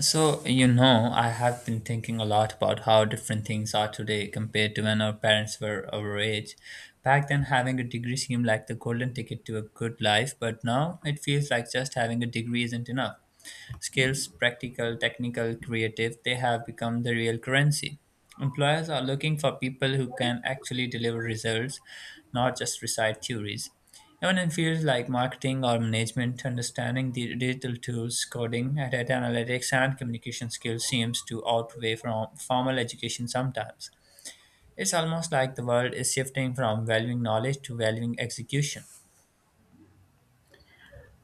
I have been thinking a lot about how different things are today compared to when our parents were our age. Back then, having a degree seemed like the golden ticket to a good life, but now it feels like just having a degree isn't enough. Skills, practical, technical, creative, they have become the real currency. Employers are looking for people who can actually deliver results, not just recite theories. Even in fields like marketing or management, understanding the digital tools, coding, data analytics, and communication skills seems to outweigh from formal education sometimes. It's almost like the world is shifting from valuing knowledge to valuing execution.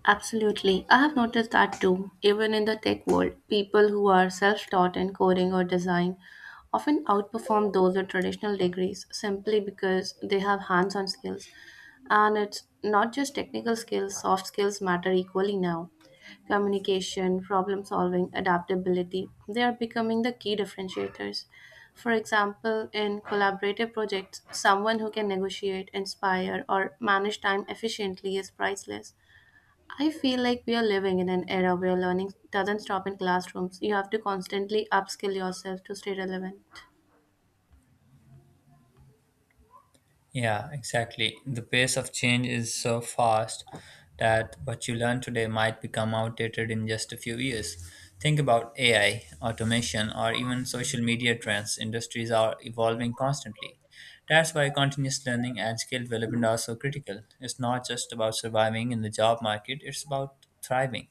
Absolutely. I have noticed that too. Even in the tech world, people who are self taught in coding or design often outperform those with traditional degrees simply because they have hands on skills. And it's not just technical skills, soft skills matter equally now. Communication, problem solving, adaptability, they are becoming the key differentiators. For example, in collaborative projects, someone who can negotiate, inspire, or manage time efficiently is priceless. I feel like we are living in an era where learning doesn't stop in classrooms. You have to constantly upskill yourself to stay relevant. Yeah, exactly. The pace of change is so fast that what you learn today might become outdated in just a few years. Think about AI, automation, or even social media trends. Industries are evolving constantly. That's why continuous learning and skill development are so critical. It's not just about surviving in the job market, it's about thriving.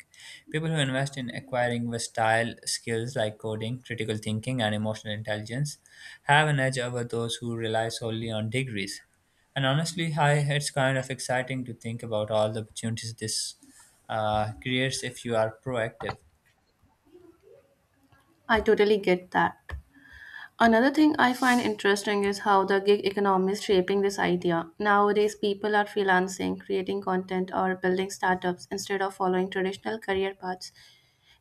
People who invest in acquiring versatile skills like coding, critical thinking, and emotional intelligence have an edge over those who rely solely on degrees. And honestly, hi, it's kind of exciting to think about all the opportunities this creates if you are proactive. I totally get that. Another thing I find interesting is how the gig economy is shaping this idea. Nowadays, people are freelancing, creating content, or building startups instead of following traditional career paths.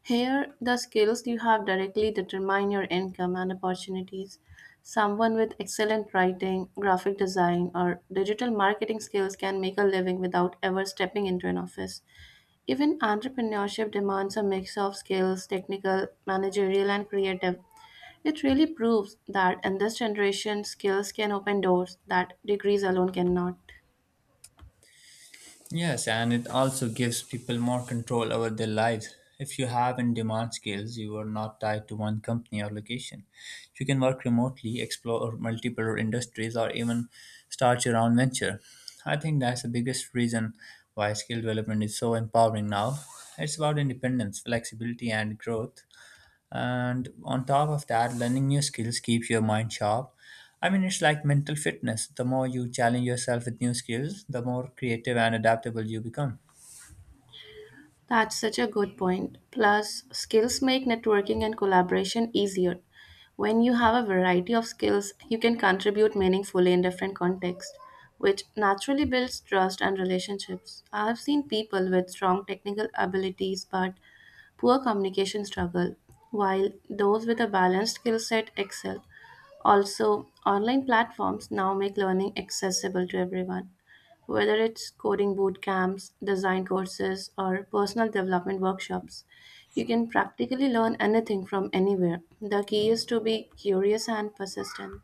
Here, the skills you have directly determine your income and opportunities. Someone with excellent writing, graphic design, or digital marketing skills can make a living without ever stepping into an office. Even entrepreneurship demands a mix of skills, technical, managerial, and creative. It really proves that in this generation, skills can open doors that degrees alone cannot. Yes, and it also gives people more control over their lives. If you have in demand skills, you are not tied to one company or location. You can work remotely, explore multiple industries, or even start your own venture. I think that's the biggest reason why skill development is so empowering now. It's about independence, flexibility, and growth and on top of that learning new skills keeps your mind sharp. I mean, it's like mental fitness. The more you challenge yourself with new skills, the more creative and adaptable you become. That's such a good point. Plus, skills make networking and collaboration easier. When you have a variety of skills, you can contribute meaningfully in different contexts, which naturally builds trust and relationships. I have seen people with strong technical abilities but poor communication struggle, while those with a balanced skill set excel. Also, online platforms now make learning accessible to everyone. Whether it's coding boot camps, design courses, or personal development workshops, you can practically learn anything from anywhere. The key is to be curious and persistent.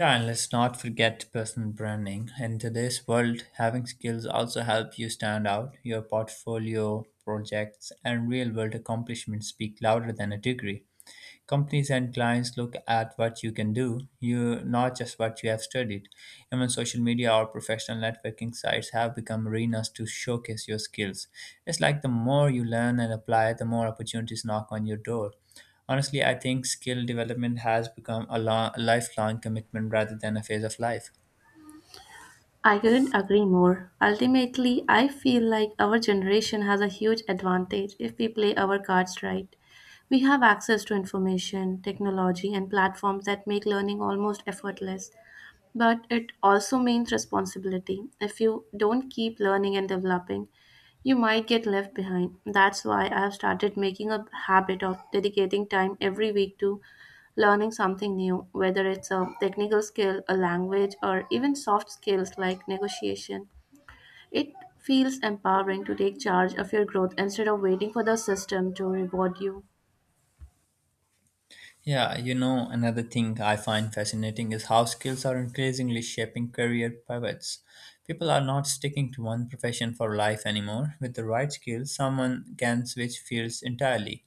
Yeah, and let's not forget personal branding in today's world. Having skills also help you stand out. Your portfolio projects and real world accomplishments speak louder than a degree. Companies and clients look at what you can do, you not just what you have studied. Even social media or professional networking sites have become arenas to showcase your skills. It's like the more you learn and apply, the more opportunities knock on your door. Honestly, I think skill development has become a lifelong commitment rather than a phase of life. I couldn't agree more. Ultimately, I feel like our generation has a huge advantage if we play our cards right. We have access to information, technology, and platforms that make learning almost effortless. But it also means responsibility. If you don't keep learning and developing, you might get left behind. That's why I have started making a habit of dedicating time every week to learning something new, whether it's a technical skill, a language, or even soft skills like negotiation. It feels empowering to take charge of your growth instead of waiting for the system to reward you. Yeah, you know, another thing I find fascinating is how skills are increasingly shaping career pivots. People are not sticking to one profession for life anymore. With the right skills, someone can switch fields entirely,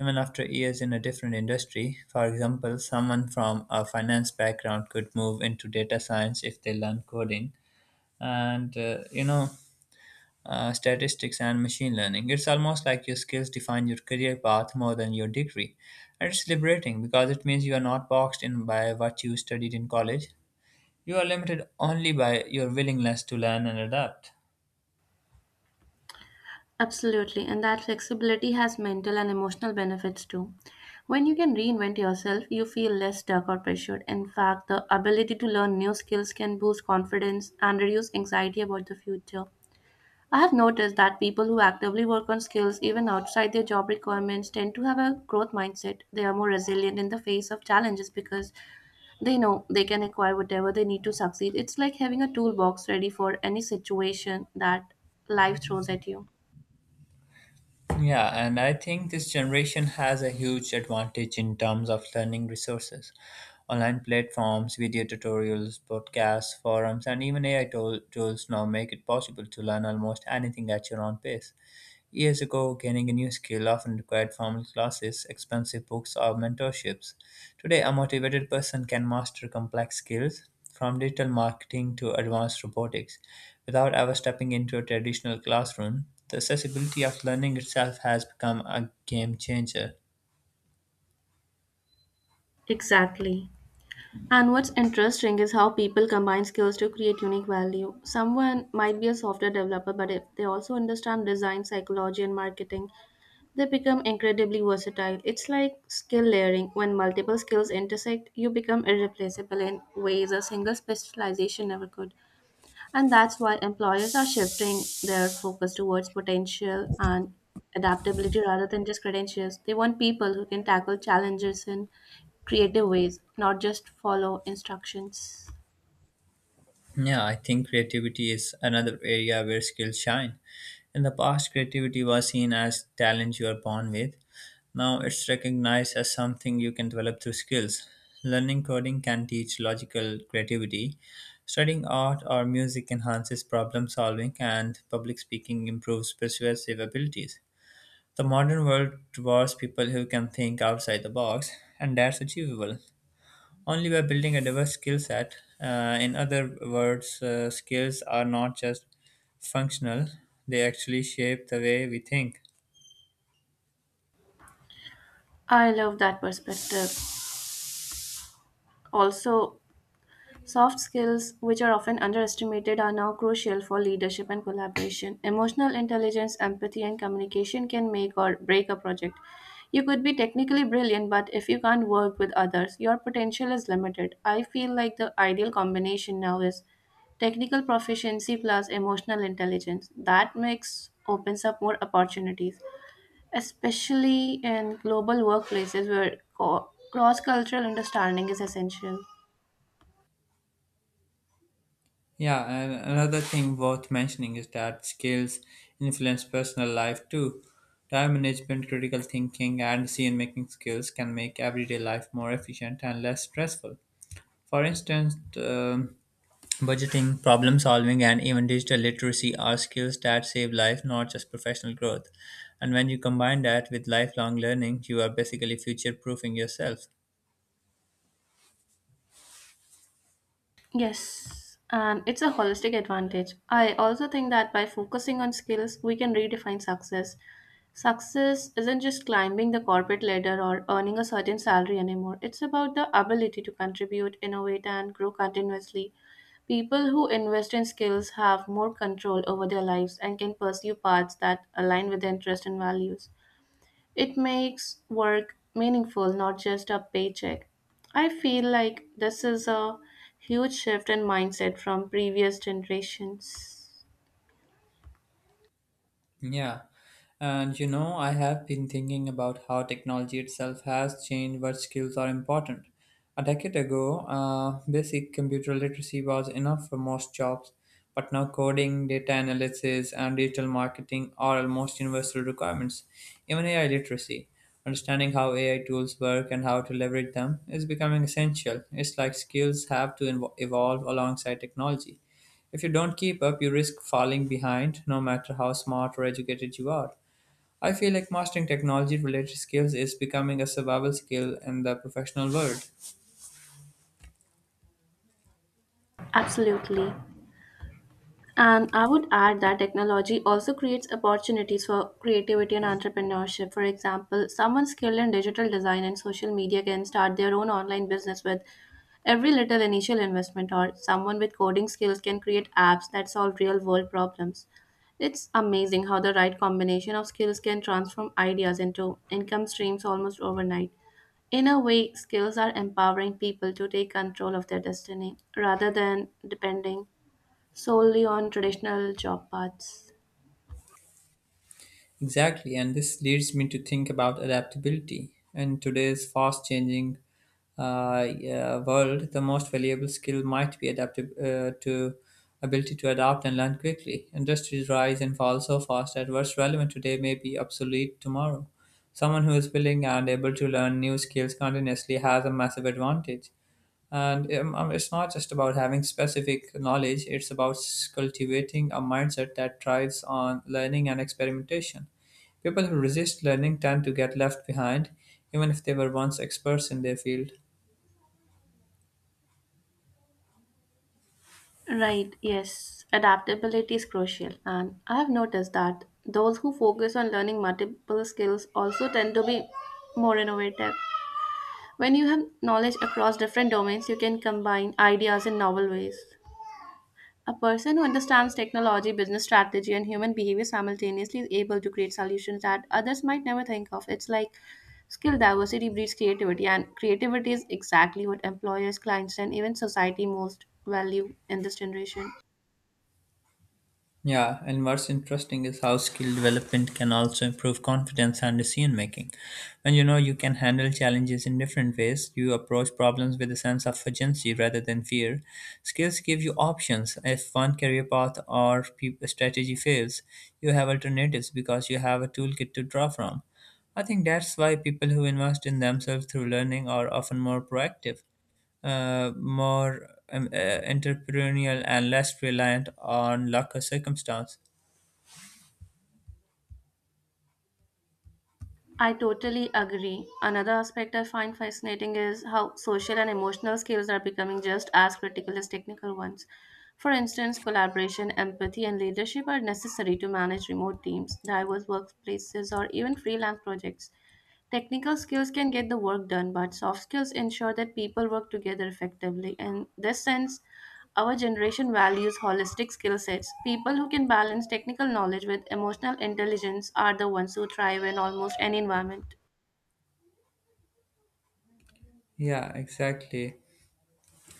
even after years in a different industry. For example, someone from a finance background could move into data science if they learn coding. And statistics, and machine learning. It's almost like your skills define your career path more than your degree. And it's liberating because it means you are not boxed in by what you studied in college. You are limited only by your willingness to learn and adapt. Absolutely, and that flexibility has mental and emotional benefits too. When you can reinvent yourself, you feel less stuck or pressured. In fact, the ability to learn new skills can boost confidence and reduce anxiety about the future. I have noticed that people who actively work on skills, even outside their job requirements, tend to have a growth mindset. They are more resilient in the face of challenges because they know they can acquire whatever they need to succeed. It's like having a toolbox ready for any situation that life throws at you. Yeah, and I think this generation has a huge advantage in terms of learning resources. Online platforms, video tutorials, podcasts, forums, and even AI tools now make it possible to learn almost anything at your own pace. Years ago, gaining a new skill often required formal classes, expensive books, or mentorships. Today, a motivated person can master complex skills, from digital marketing to advanced robotics, without ever stepping into a traditional classroom. The accessibility of learning itself has become a game changer. Exactly. And what's interesting is how people combine skills to create unique value. Someone might be a software developer, but if they also understand design, psychology, and marketing, they become incredibly versatile. It's like skill layering. When multiple skills intersect, you become irreplaceable in ways a single specialization never could. And that's why employers are shifting their focus towards potential and adaptability rather than just credentials. They want people who can tackle challenges in creative ways, not just follow instructions. Yeah, I think creativity is another area where skills shine. In the past, creativity was seen as talent you are born with. Now it's recognized as something you can develop through skills. Learning coding can teach logical creativity. Studying art or music enhances problem solving, and public speaking improves persuasive abilities. The modern world rewards people who can think outside the box, and that's achievable only by building a diverse skill set. In other words, skills are not just functional, they actually shape the way we think. I love that perspective. Also, soft skills, which are often underestimated, are now crucial for leadership and collaboration. Emotional intelligence, empathy, and communication can make or break a project. You could be technically brilliant, but if you can't work with others, your potential is limited. I feel like the ideal combination now is technical proficiency plus emotional intelligence. That mix opens up more opportunities, especially in global workplaces where cross cultural understanding is essential. Yeah, and another thing worth mentioning is that skills influence personal life too. Time management, critical thinking, and decision making skills can make everyday life more efficient and less stressful. For instance, budgeting, problem solving, and even digital literacy are skills that save life, not just professional growth. And when you combine that with lifelong learning, you are basically future proofing yourself. Yes, and it's a holistic advantage. I also think that by focusing on skills, we can redefine success. Success isn't just climbing the corporate ladder or earning a certain salary anymore. It's about the ability to contribute, innovate, and grow continuously. People who invest in skills have more control over their lives and can pursue paths that align with their interests and values. It makes work meaningful, not just a paycheck. I feel like this is a huge shift in mindset from previous generations. Yeah. And you know, I have been thinking about how technology itself has changed what skills are important. A decade ago, basic computer literacy was enough for most jobs, but now coding, data analysis, and digital marketing are almost universal requirements. Even AI literacy, understanding how AI tools work and how to leverage them, is becoming essential. It's like skills have to evolve alongside technology. If you don't keep up, you risk falling behind, no matter how smart or educated you are. I feel like mastering technology related skills is becoming a survival skill in the professional world. Absolutely. And I would add that technology also creates opportunities for creativity and entrepreneurship. For example, someone skilled in digital design and social media can start their own online business with every little initial investment, or someone with coding skills can create apps that solve real world problems. It's amazing how the right combination of skills can transform ideas into income streams almost overnight. In a way, skills are empowering people to take control of their destiny rather than depending solely on traditional job paths. Exactly, and this leads me to think about adaptability. In today's fast changing uh, world, the most valuable skill might be adaptive to ability to adapt and learn quickly. Industries rise and fall so fast that what's relevant today may be obsolete tomorrow. Someone who is willing and able to learn new skills continuously has a massive advantage. And it's not just about having specific knowledge, it's about cultivating a mindset that thrives on learning and experimentation. People who resist learning tend to get left behind, even if they were once experts in their field. Right, yes, adaptability is crucial, and I have noticed that those who focus on learning multiple skills also tend to be more innovative. When you have knowledge across different domains, you can combine ideas in novel ways. A person who understands technology, business strategy, and human behavior simultaneously is able to create solutions that others might never think of. It's like skill diversity breeds creativity, and creativity is exactly what employers, clients, and even society most value in this generation. Yeah, and what's interesting is how skill development can also improve confidence and decision making. When you know you can handle challenges in different ways, you approach problems with a sense of urgency rather than fear. Skills give you options. If one career path or strategy fails, you have alternatives because you have a toolkit to draw from. I think that's why people who invest in themselves through learning are often more proactive, more entrepreneurial and less reliant on luck or circumstance. I totally agree. Another aspect I find fascinating is how social and emotional skills are becoming just as critical as technical ones. For instance, collaboration, empathy, and leadership are necessary to manage remote teams, diverse workplaces, or even freelance projects. Technical skills can get the work done, but soft skills ensure that people work together effectively. In this sense, our generation values holistic skill sets. People who can balance technical knowledge with emotional intelligence are the ones who thrive in almost any environment. Yeah, exactly.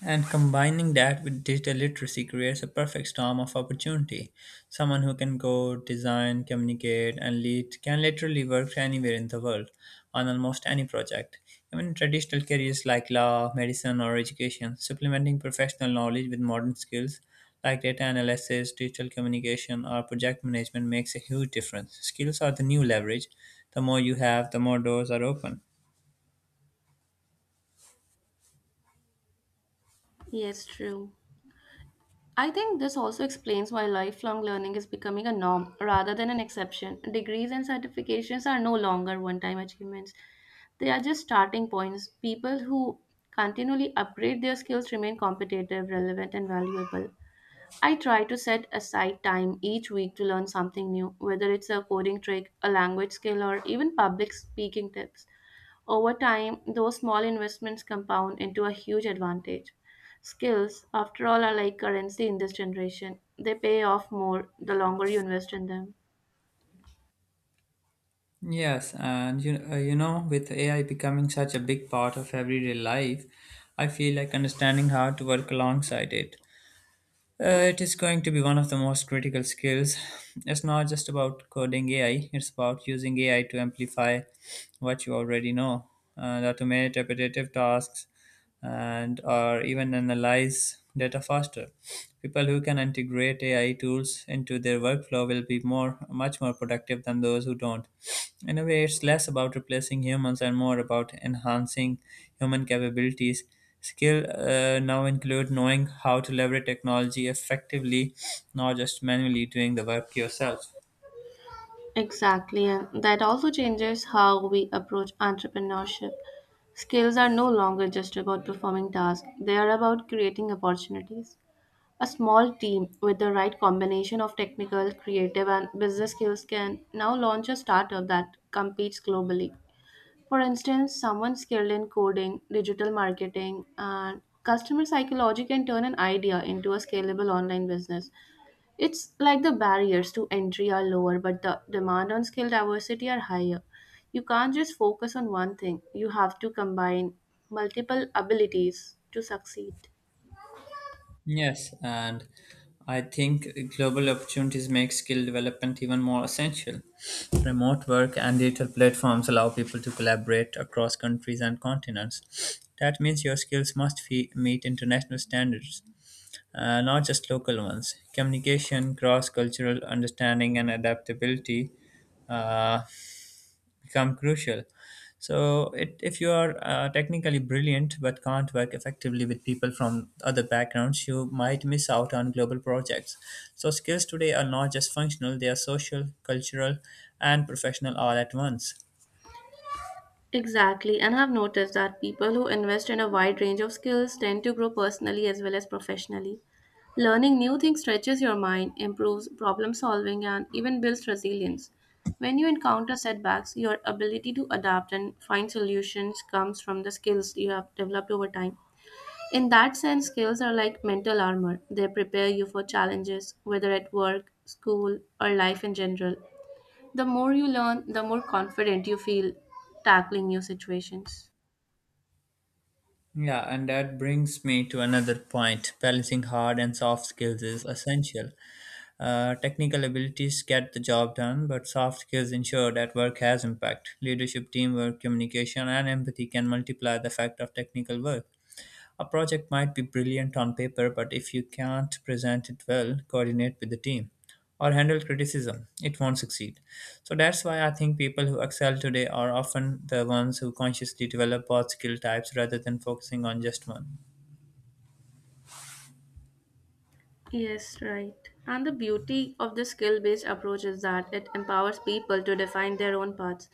And combining that with digital literacy creates a perfect storm of opportunity. Someone who can code, design, communicate, and lead can literally work anywhere in the world on almost any project. Even in traditional careers like law, medicine, or education, supplementing professional knowledge with modern skills like data analysis, digital communication, or project management makes a huge difference. Skills are the new leverage. The more you have, the more doors are open. Yes, true. I think this also explains why lifelong learning is becoming a norm rather than an exception. Degrees and certifications are no longer one time achievements, they are just starting points. People who continually upgrade their skills remain competitive, relevant, and valuable. I try to set aside time each week to learn something new, whether it's a coding trick, a language skill, or even public speaking tips. Over time, those small investments compound into a huge advantage. Skills, after all, are like currency in this generation. They pay off more the longer you invest in them. Yes, and with AI becoming such a big part of everyday life, I feel like understanding how to work alongside it. It is going to be one of the most critical skills. It's not just about coding AI, it's about using AI to amplify what you already know, automate repetitive tasks, and or even analyze data faster. People who can integrate AI tools into their workflow will be more much more productive than those who don't. In a way, it's less about replacing humans and more about enhancing human capabilities. Skill now include knowing how to leverage technology effectively, not just manually doing the work yourself. Exactly, and that also changes how we approach entrepreneurship. Skills are no longer just about performing tasks, they are about creating opportunities. A small team with the right combination of technical, creative, and business skills can now launch a startup that competes globally. For instance, someone skilled in coding, digital marketing, and customer psychology can turn an idea into a scalable online business. It's like the barriers to entry are lower, but the demand on skill diversity are higher. You can't just focus on one thing, you have to combine multiple abilities to succeed. Yes, and I think global opportunities make skill development even more essential. Remote work and digital platforms allow people to collaborate across countries and continents. That means your skills must meet international standards, not just local ones. Communication, cross cultural understanding, and adaptability uh, become crucial. So, if you are technically brilliant but can't work effectively with people from other backgrounds, you might miss out on global projects. So, skills today are not just functional, they are social, cultural, and professional all at once. Exactly, and I've noticed that people who invest in a wide range of skills tend to grow personally as well as professionally. Learning new things stretches your mind, improves problem solving, and even builds resilience. When you encounter setbacks, your ability to adapt and find solutions comes from the skills you have developed over time. In that sense, skills are like mental armor. They prepare you for challenges, whether at work, school, or life in general. The more you learn, the more confident you feel tackling new situations. Yeah, and that brings me to another point. Balancing hard and soft skills is essential. Technical abilities get the job done, but soft skills ensure that work has impact. Leadership, teamwork, communication, and empathy can multiply the effect of technical work. A project might be brilliant on paper, but if you can't present it well, coordinate with the team, or handle criticism, it won't succeed. So that's why I think people who excel today are often the ones who consciously develop both skill types rather than focusing on just one. Yes, right. And the beauty of the skill based approach is that it empowers people to define their own paths.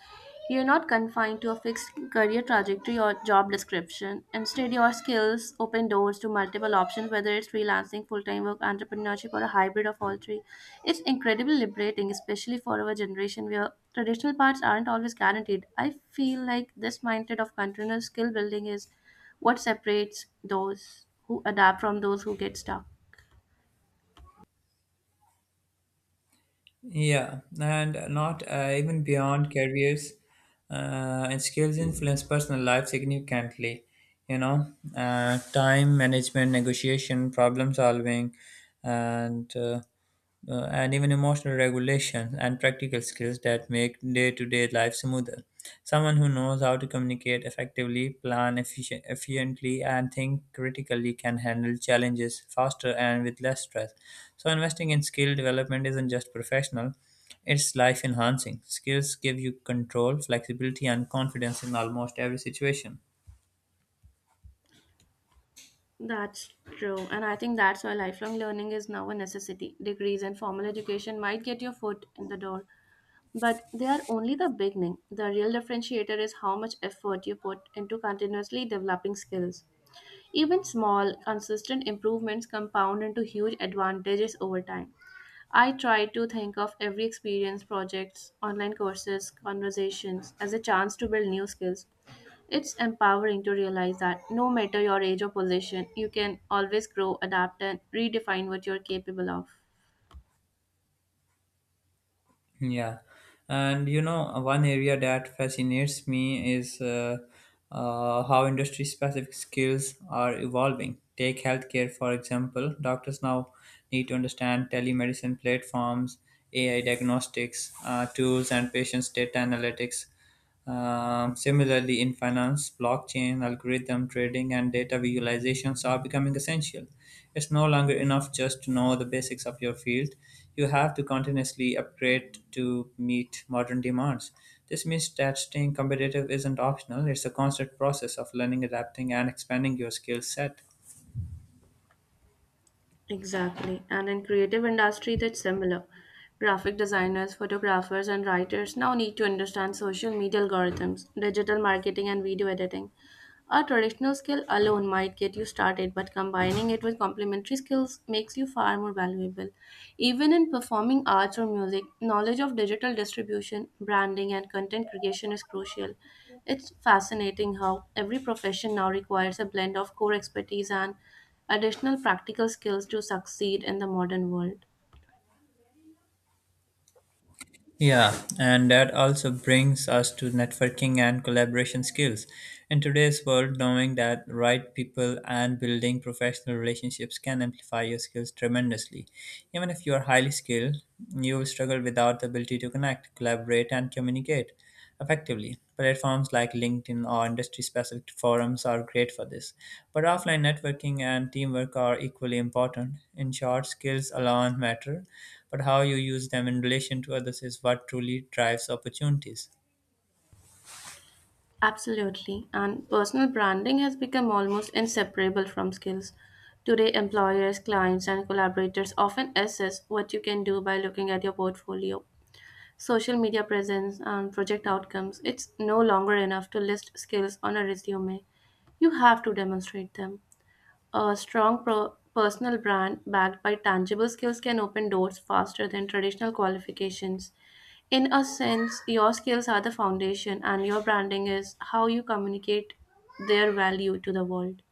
You're not confined to a fixed career trajectory or job description. Instead, your skills open doors to multiple options, whether it's freelancing, full time work, entrepreneurship, or a hybrid of all three. It's incredibly liberating, especially for our generation where traditional paths aren't always guaranteed. I feel like this mindset of continuous skill building is what separates those who adapt from those who get stuck. Yeah, and not even beyond careers and skills influence personal life significantly. You know, time management, negotiation, problem solving, and uh, and even emotional regulation and practical skills that make day to day life smoother. Someone who knows how to communicate effectively, plan efficiently, and think critically can handle challenges faster and with less stress. So, investing in skill development isn't just professional, it's life enhancing. Skills give you control, flexibility, and confidence in almost every situation. That's true, and I think that's why lifelong learning is now a necessity. Degrees and formal education might get your foot in the door, but they are only the beginning. The real differentiator is how much effort you put into continuously developing skills. Even small, consistent improvements compound into huge advantages over time. I try to think of every experience, projects, online courses, conversations as a chance to build new skills. It's empowering to realize that no matter your age or position, you can always grow, adapt, and redefine what you're capable of. Yeah, and you know, one area that fascinates me is how industry specific skills are evolving. Take healthcare, for example. Doctors now need to understand telemedicine platforms, AI diagnostics tools, and patients' data analytics. Similarly, in finance, blockchain, algorithm trading, and data visualizations are becoming essential. It's no longer enough just to know the basics of your field. You have to continuously upgrade to meet modern demands. This means that staying competitive isn't optional, it's a constant process of learning, adapting, and expanding your skill set. Exactly. And in creative industry that's similar. Graphic designers, photographers and writers now need to understand social media algorithms, digital marketing and video editing. A traditional skill alone might get you started, but combining it with complementary skills makes you far more valuable. Even in performing arts or music, knowledge of digital distribution, branding and content creation is crucial. It's fascinating how every profession now requires a blend of core expertise and additional practical skills to succeed in the modern world. Yeah, and that also brings us to networking and collaboration skills. In today's world, knowing that right people and building professional relationships can amplify your skills tremendously. Even if you are highly skilled, you will struggle without the ability to connect, collaborate, and communicate effectively. Platforms like LinkedIn or industry specific forums are great for this, but offline networking and teamwork are equally important. In short, skills alone matter, but how you use them in relation to others is what truly drives opportunities. Absolutely. And personal branding has become almost inseparable from skills. Today, employers, clients, and collaborators often assess what you can do by looking at your portfolio, social media presence, and project outcomes. It's no longer enough to list skills on a resume. You have to demonstrate them. A strong personal brand backed by tangible skills can open doors faster than traditional qualifications. In a sense, your skills are the foundation, and your branding is how you communicate their value to the world.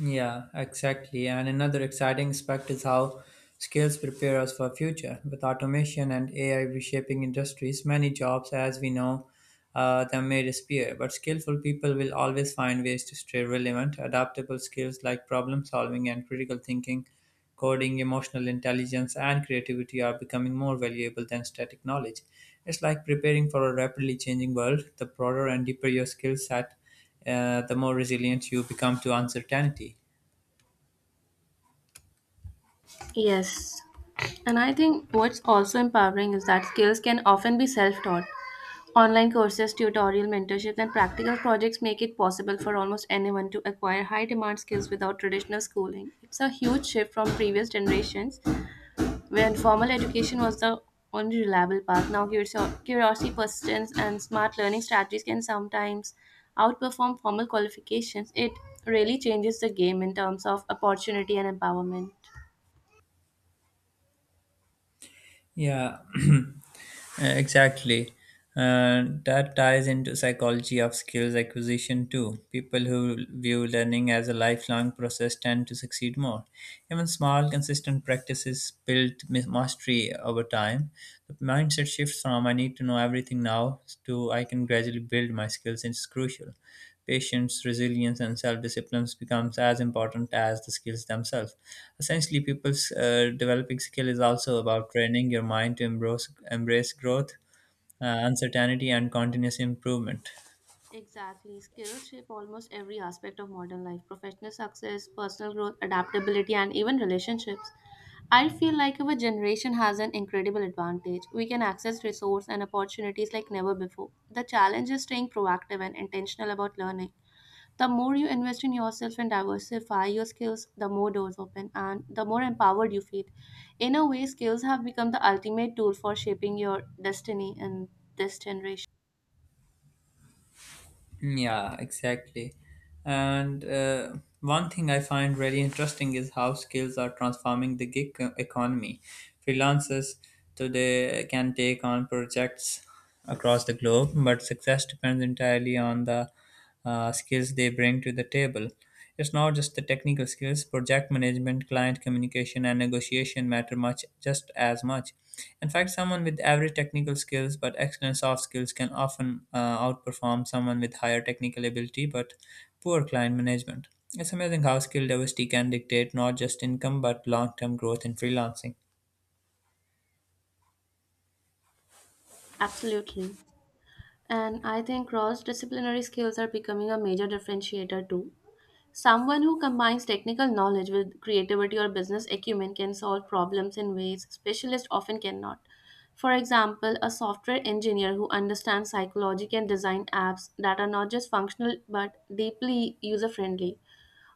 Yeah, exactly. And another exciting aspect is how skills prepare us for future. With automation and AI reshaping industries, many jobs, as we know, them may disappear. But skillful people will always find ways to stay relevant. Adaptable skills like problem solving and critical thinking, coding, emotional intelligence, and creativity are becoming more valuable than static knowledge. It's like preparing for a rapidly changing world. The broader and deeper your skill set, the more resilient you become to uncertainty. Yes. And I think what's also empowering is that skills can often be self taught. Online courses, tutorial mentorships, and practical projects make it possible for almost anyone to acquire high demand skills without traditional schooling. It's a huge shift from previous generations when formal education was the only reliable path. Now curiosity, persistence, and smart learning strategies can sometimes outperform formal qualifications. It really changes the game in terms of opportunity and empowerment. Yeah, exactly. That ties into psychology of skills acquisition too. People who view learning as a lifelong process tend to succeed more. Even small, consistent practices build mastery over time. The mindset shifts from "I need to know everything now" to "I can gradually build my skills" is crucial. Patience, resilience, and self-discipline becomes as important as the skills themselves. Essentially, people's developing skill is also about training your mind to embrace growth, uncertainty, and continuous improvement. Exactly. Skills shape almost every aspect of modern life: professional success, personal growth, adaptability, and even relationships. I feel like our generation has an incredible advantage. We can access resources and opportunities like never before. The challenge is staying proactive and intentional about learning. The more you invest in yourself and diversify your skills, the more doors open and the more empowered you feel. In a way, skills have become the ultimate tool for shaping your destiny in this generation. Yeah, exactly. And one thing I find really interesting is how skills are transforming the economy. Freelancers today can take on projects across the globe, but success depends entirely on the skills they bring to the table. It's not just the technical skills, project management, client communication, and negotiation matter much just as much. In fact, someone with average technical skills but excellent soft skills can often outperform someone with higher technical ability but poor client management. It's amazing how skill diversity can dictate not just income but long term growth in freelancing. Absolutely. And I think cross disciplinary skills are becoming a major differentiator too. Someone who combines technical knowledge with creativity or business acumen can solve problems in ways specialists often cannot. For example, a software engineer who understands psychology can design apps that are not just functional but deeply user friendly.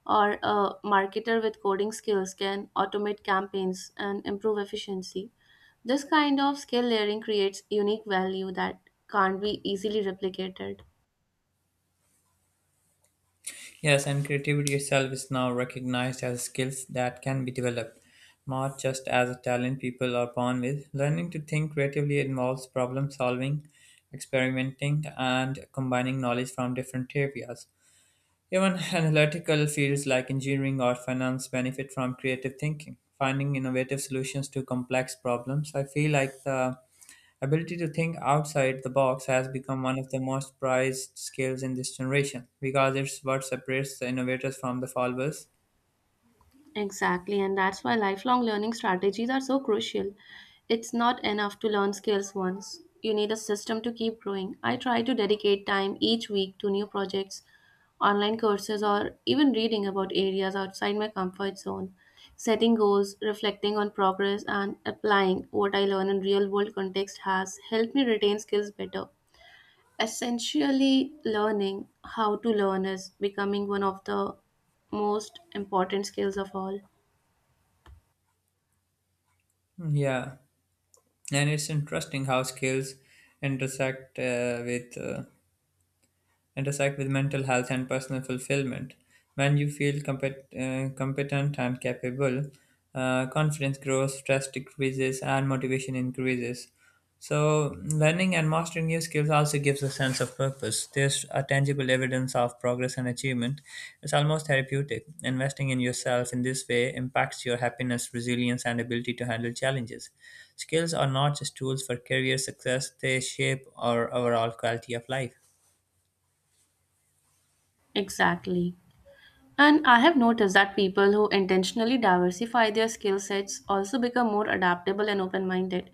Or a marketer with coding skills can automate campaigns and improve efficiency. This kind of skill layering creates unique value that can't be easily replicated. Yes, and creativity itself is now recognized as skills that can be developed, not just as a talent people are born with. Learning to think creatively involves problem solving, experimenting, and combining knowledge from different areas. Even analytical fields like engineering or finance benefit from creative thinking, finding innovative solutions to complex problems. I feel like the ability to think outside the box has become one of the most prized skills in this generation because it's what separates the innovators from the followers. Exactly, and that's why lifelong learning strategies are so crucial. It's not enough to learn skills once. You need a system to keep growing. I try to dedicate time each week to new projects, online courses, or even reading about areas outside my comfort zone. Setting goals, reflecting on progress, and applying what I learn in real world context has helped me retain skills better. Essentially, learning how to learn is becoming one of the most important skills of all. Hmm. Yeah, and it's interesting how skills intersect uh, with uh, intersect with mental health and personal fulfillment. When you feel competent and capable, confidence grows, stress decreases, and motivation increases. So, learning and mastering new skills also gives a sense of purpose. There's a tangible evidence of progress and achievement. It's almost therapeutic. Investing in yourself in this way impacts your happiness, resilience, and ability to handle challenges. Skills are not just tools for career success, they shape our overall quality of life. Exactly. And I have noticed that people who intentionally diversify their skill sets also become more adaptable and open minded.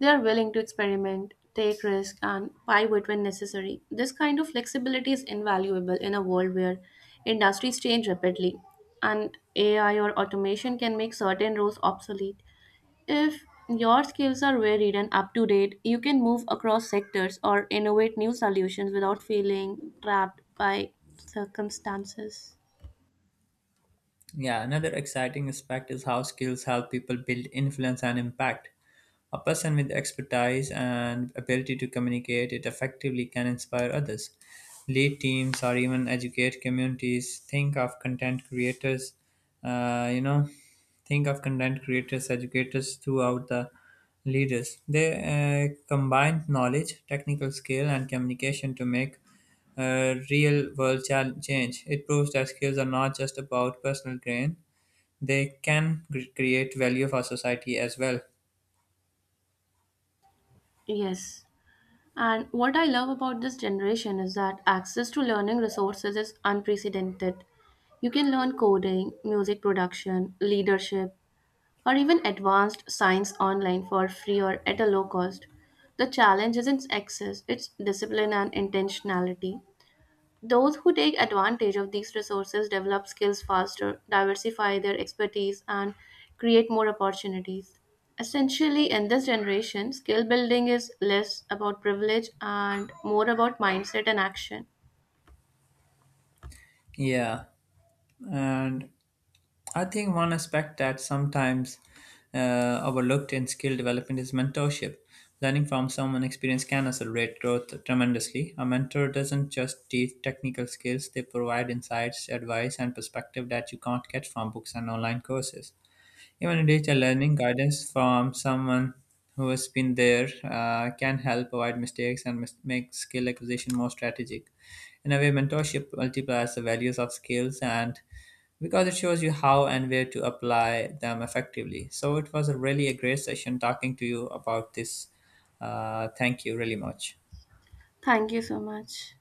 They are willing to experiment, take risks, and pivot when necessary. This kind of flexibility is invaluable in a world where industries change rapidly and AI or automation can make certain roles obsolete. If your skills are varied and up to date, you can move across sectors or innovate new solutions without feeling trapped by circumstances. Yeah, another exciting aspect is how skills help people build influence and impact. A person with expertise and ability to communicate it effectively can inspire others, lead teams, or even educate communities. Uh, you know, think of content creators, educators throughout the leaders. They combine knowledge, technical skill, and communication to make real world change. It proves that skills are not just about personal gain, they can create value for society as well. Yes. And what I love about this generation is that access to learning resources is unprecedented. You can learn coding, music production, leadership, or even advanced science online for free or at a low cost. The challenge isn't access, it's discipline and intentionality. Those who take advantage of these resources develop skills faster, diversify their expertise, and create more opportunities. Essentially, in this generation, skill building is less about privilege and more about mindset and action. Yeah. And I think one aspect that sometimes overlooked in skill development is mentorship. Learning from someone experienced can accelerate growth tremendously. A mentor doesn't just teach technical skills, they provide insights, advice, and perspective that you can't get from books and online courses. Even digital learning guidance from someone who has been there can help avoid mistakes and make skill acquisition more strategic. In a way, mentorship multiplies the values of skills and because it shows you how and where to apply them effectively. So it was a really a great session talking to you about this. Thank you really much. Thank you so much.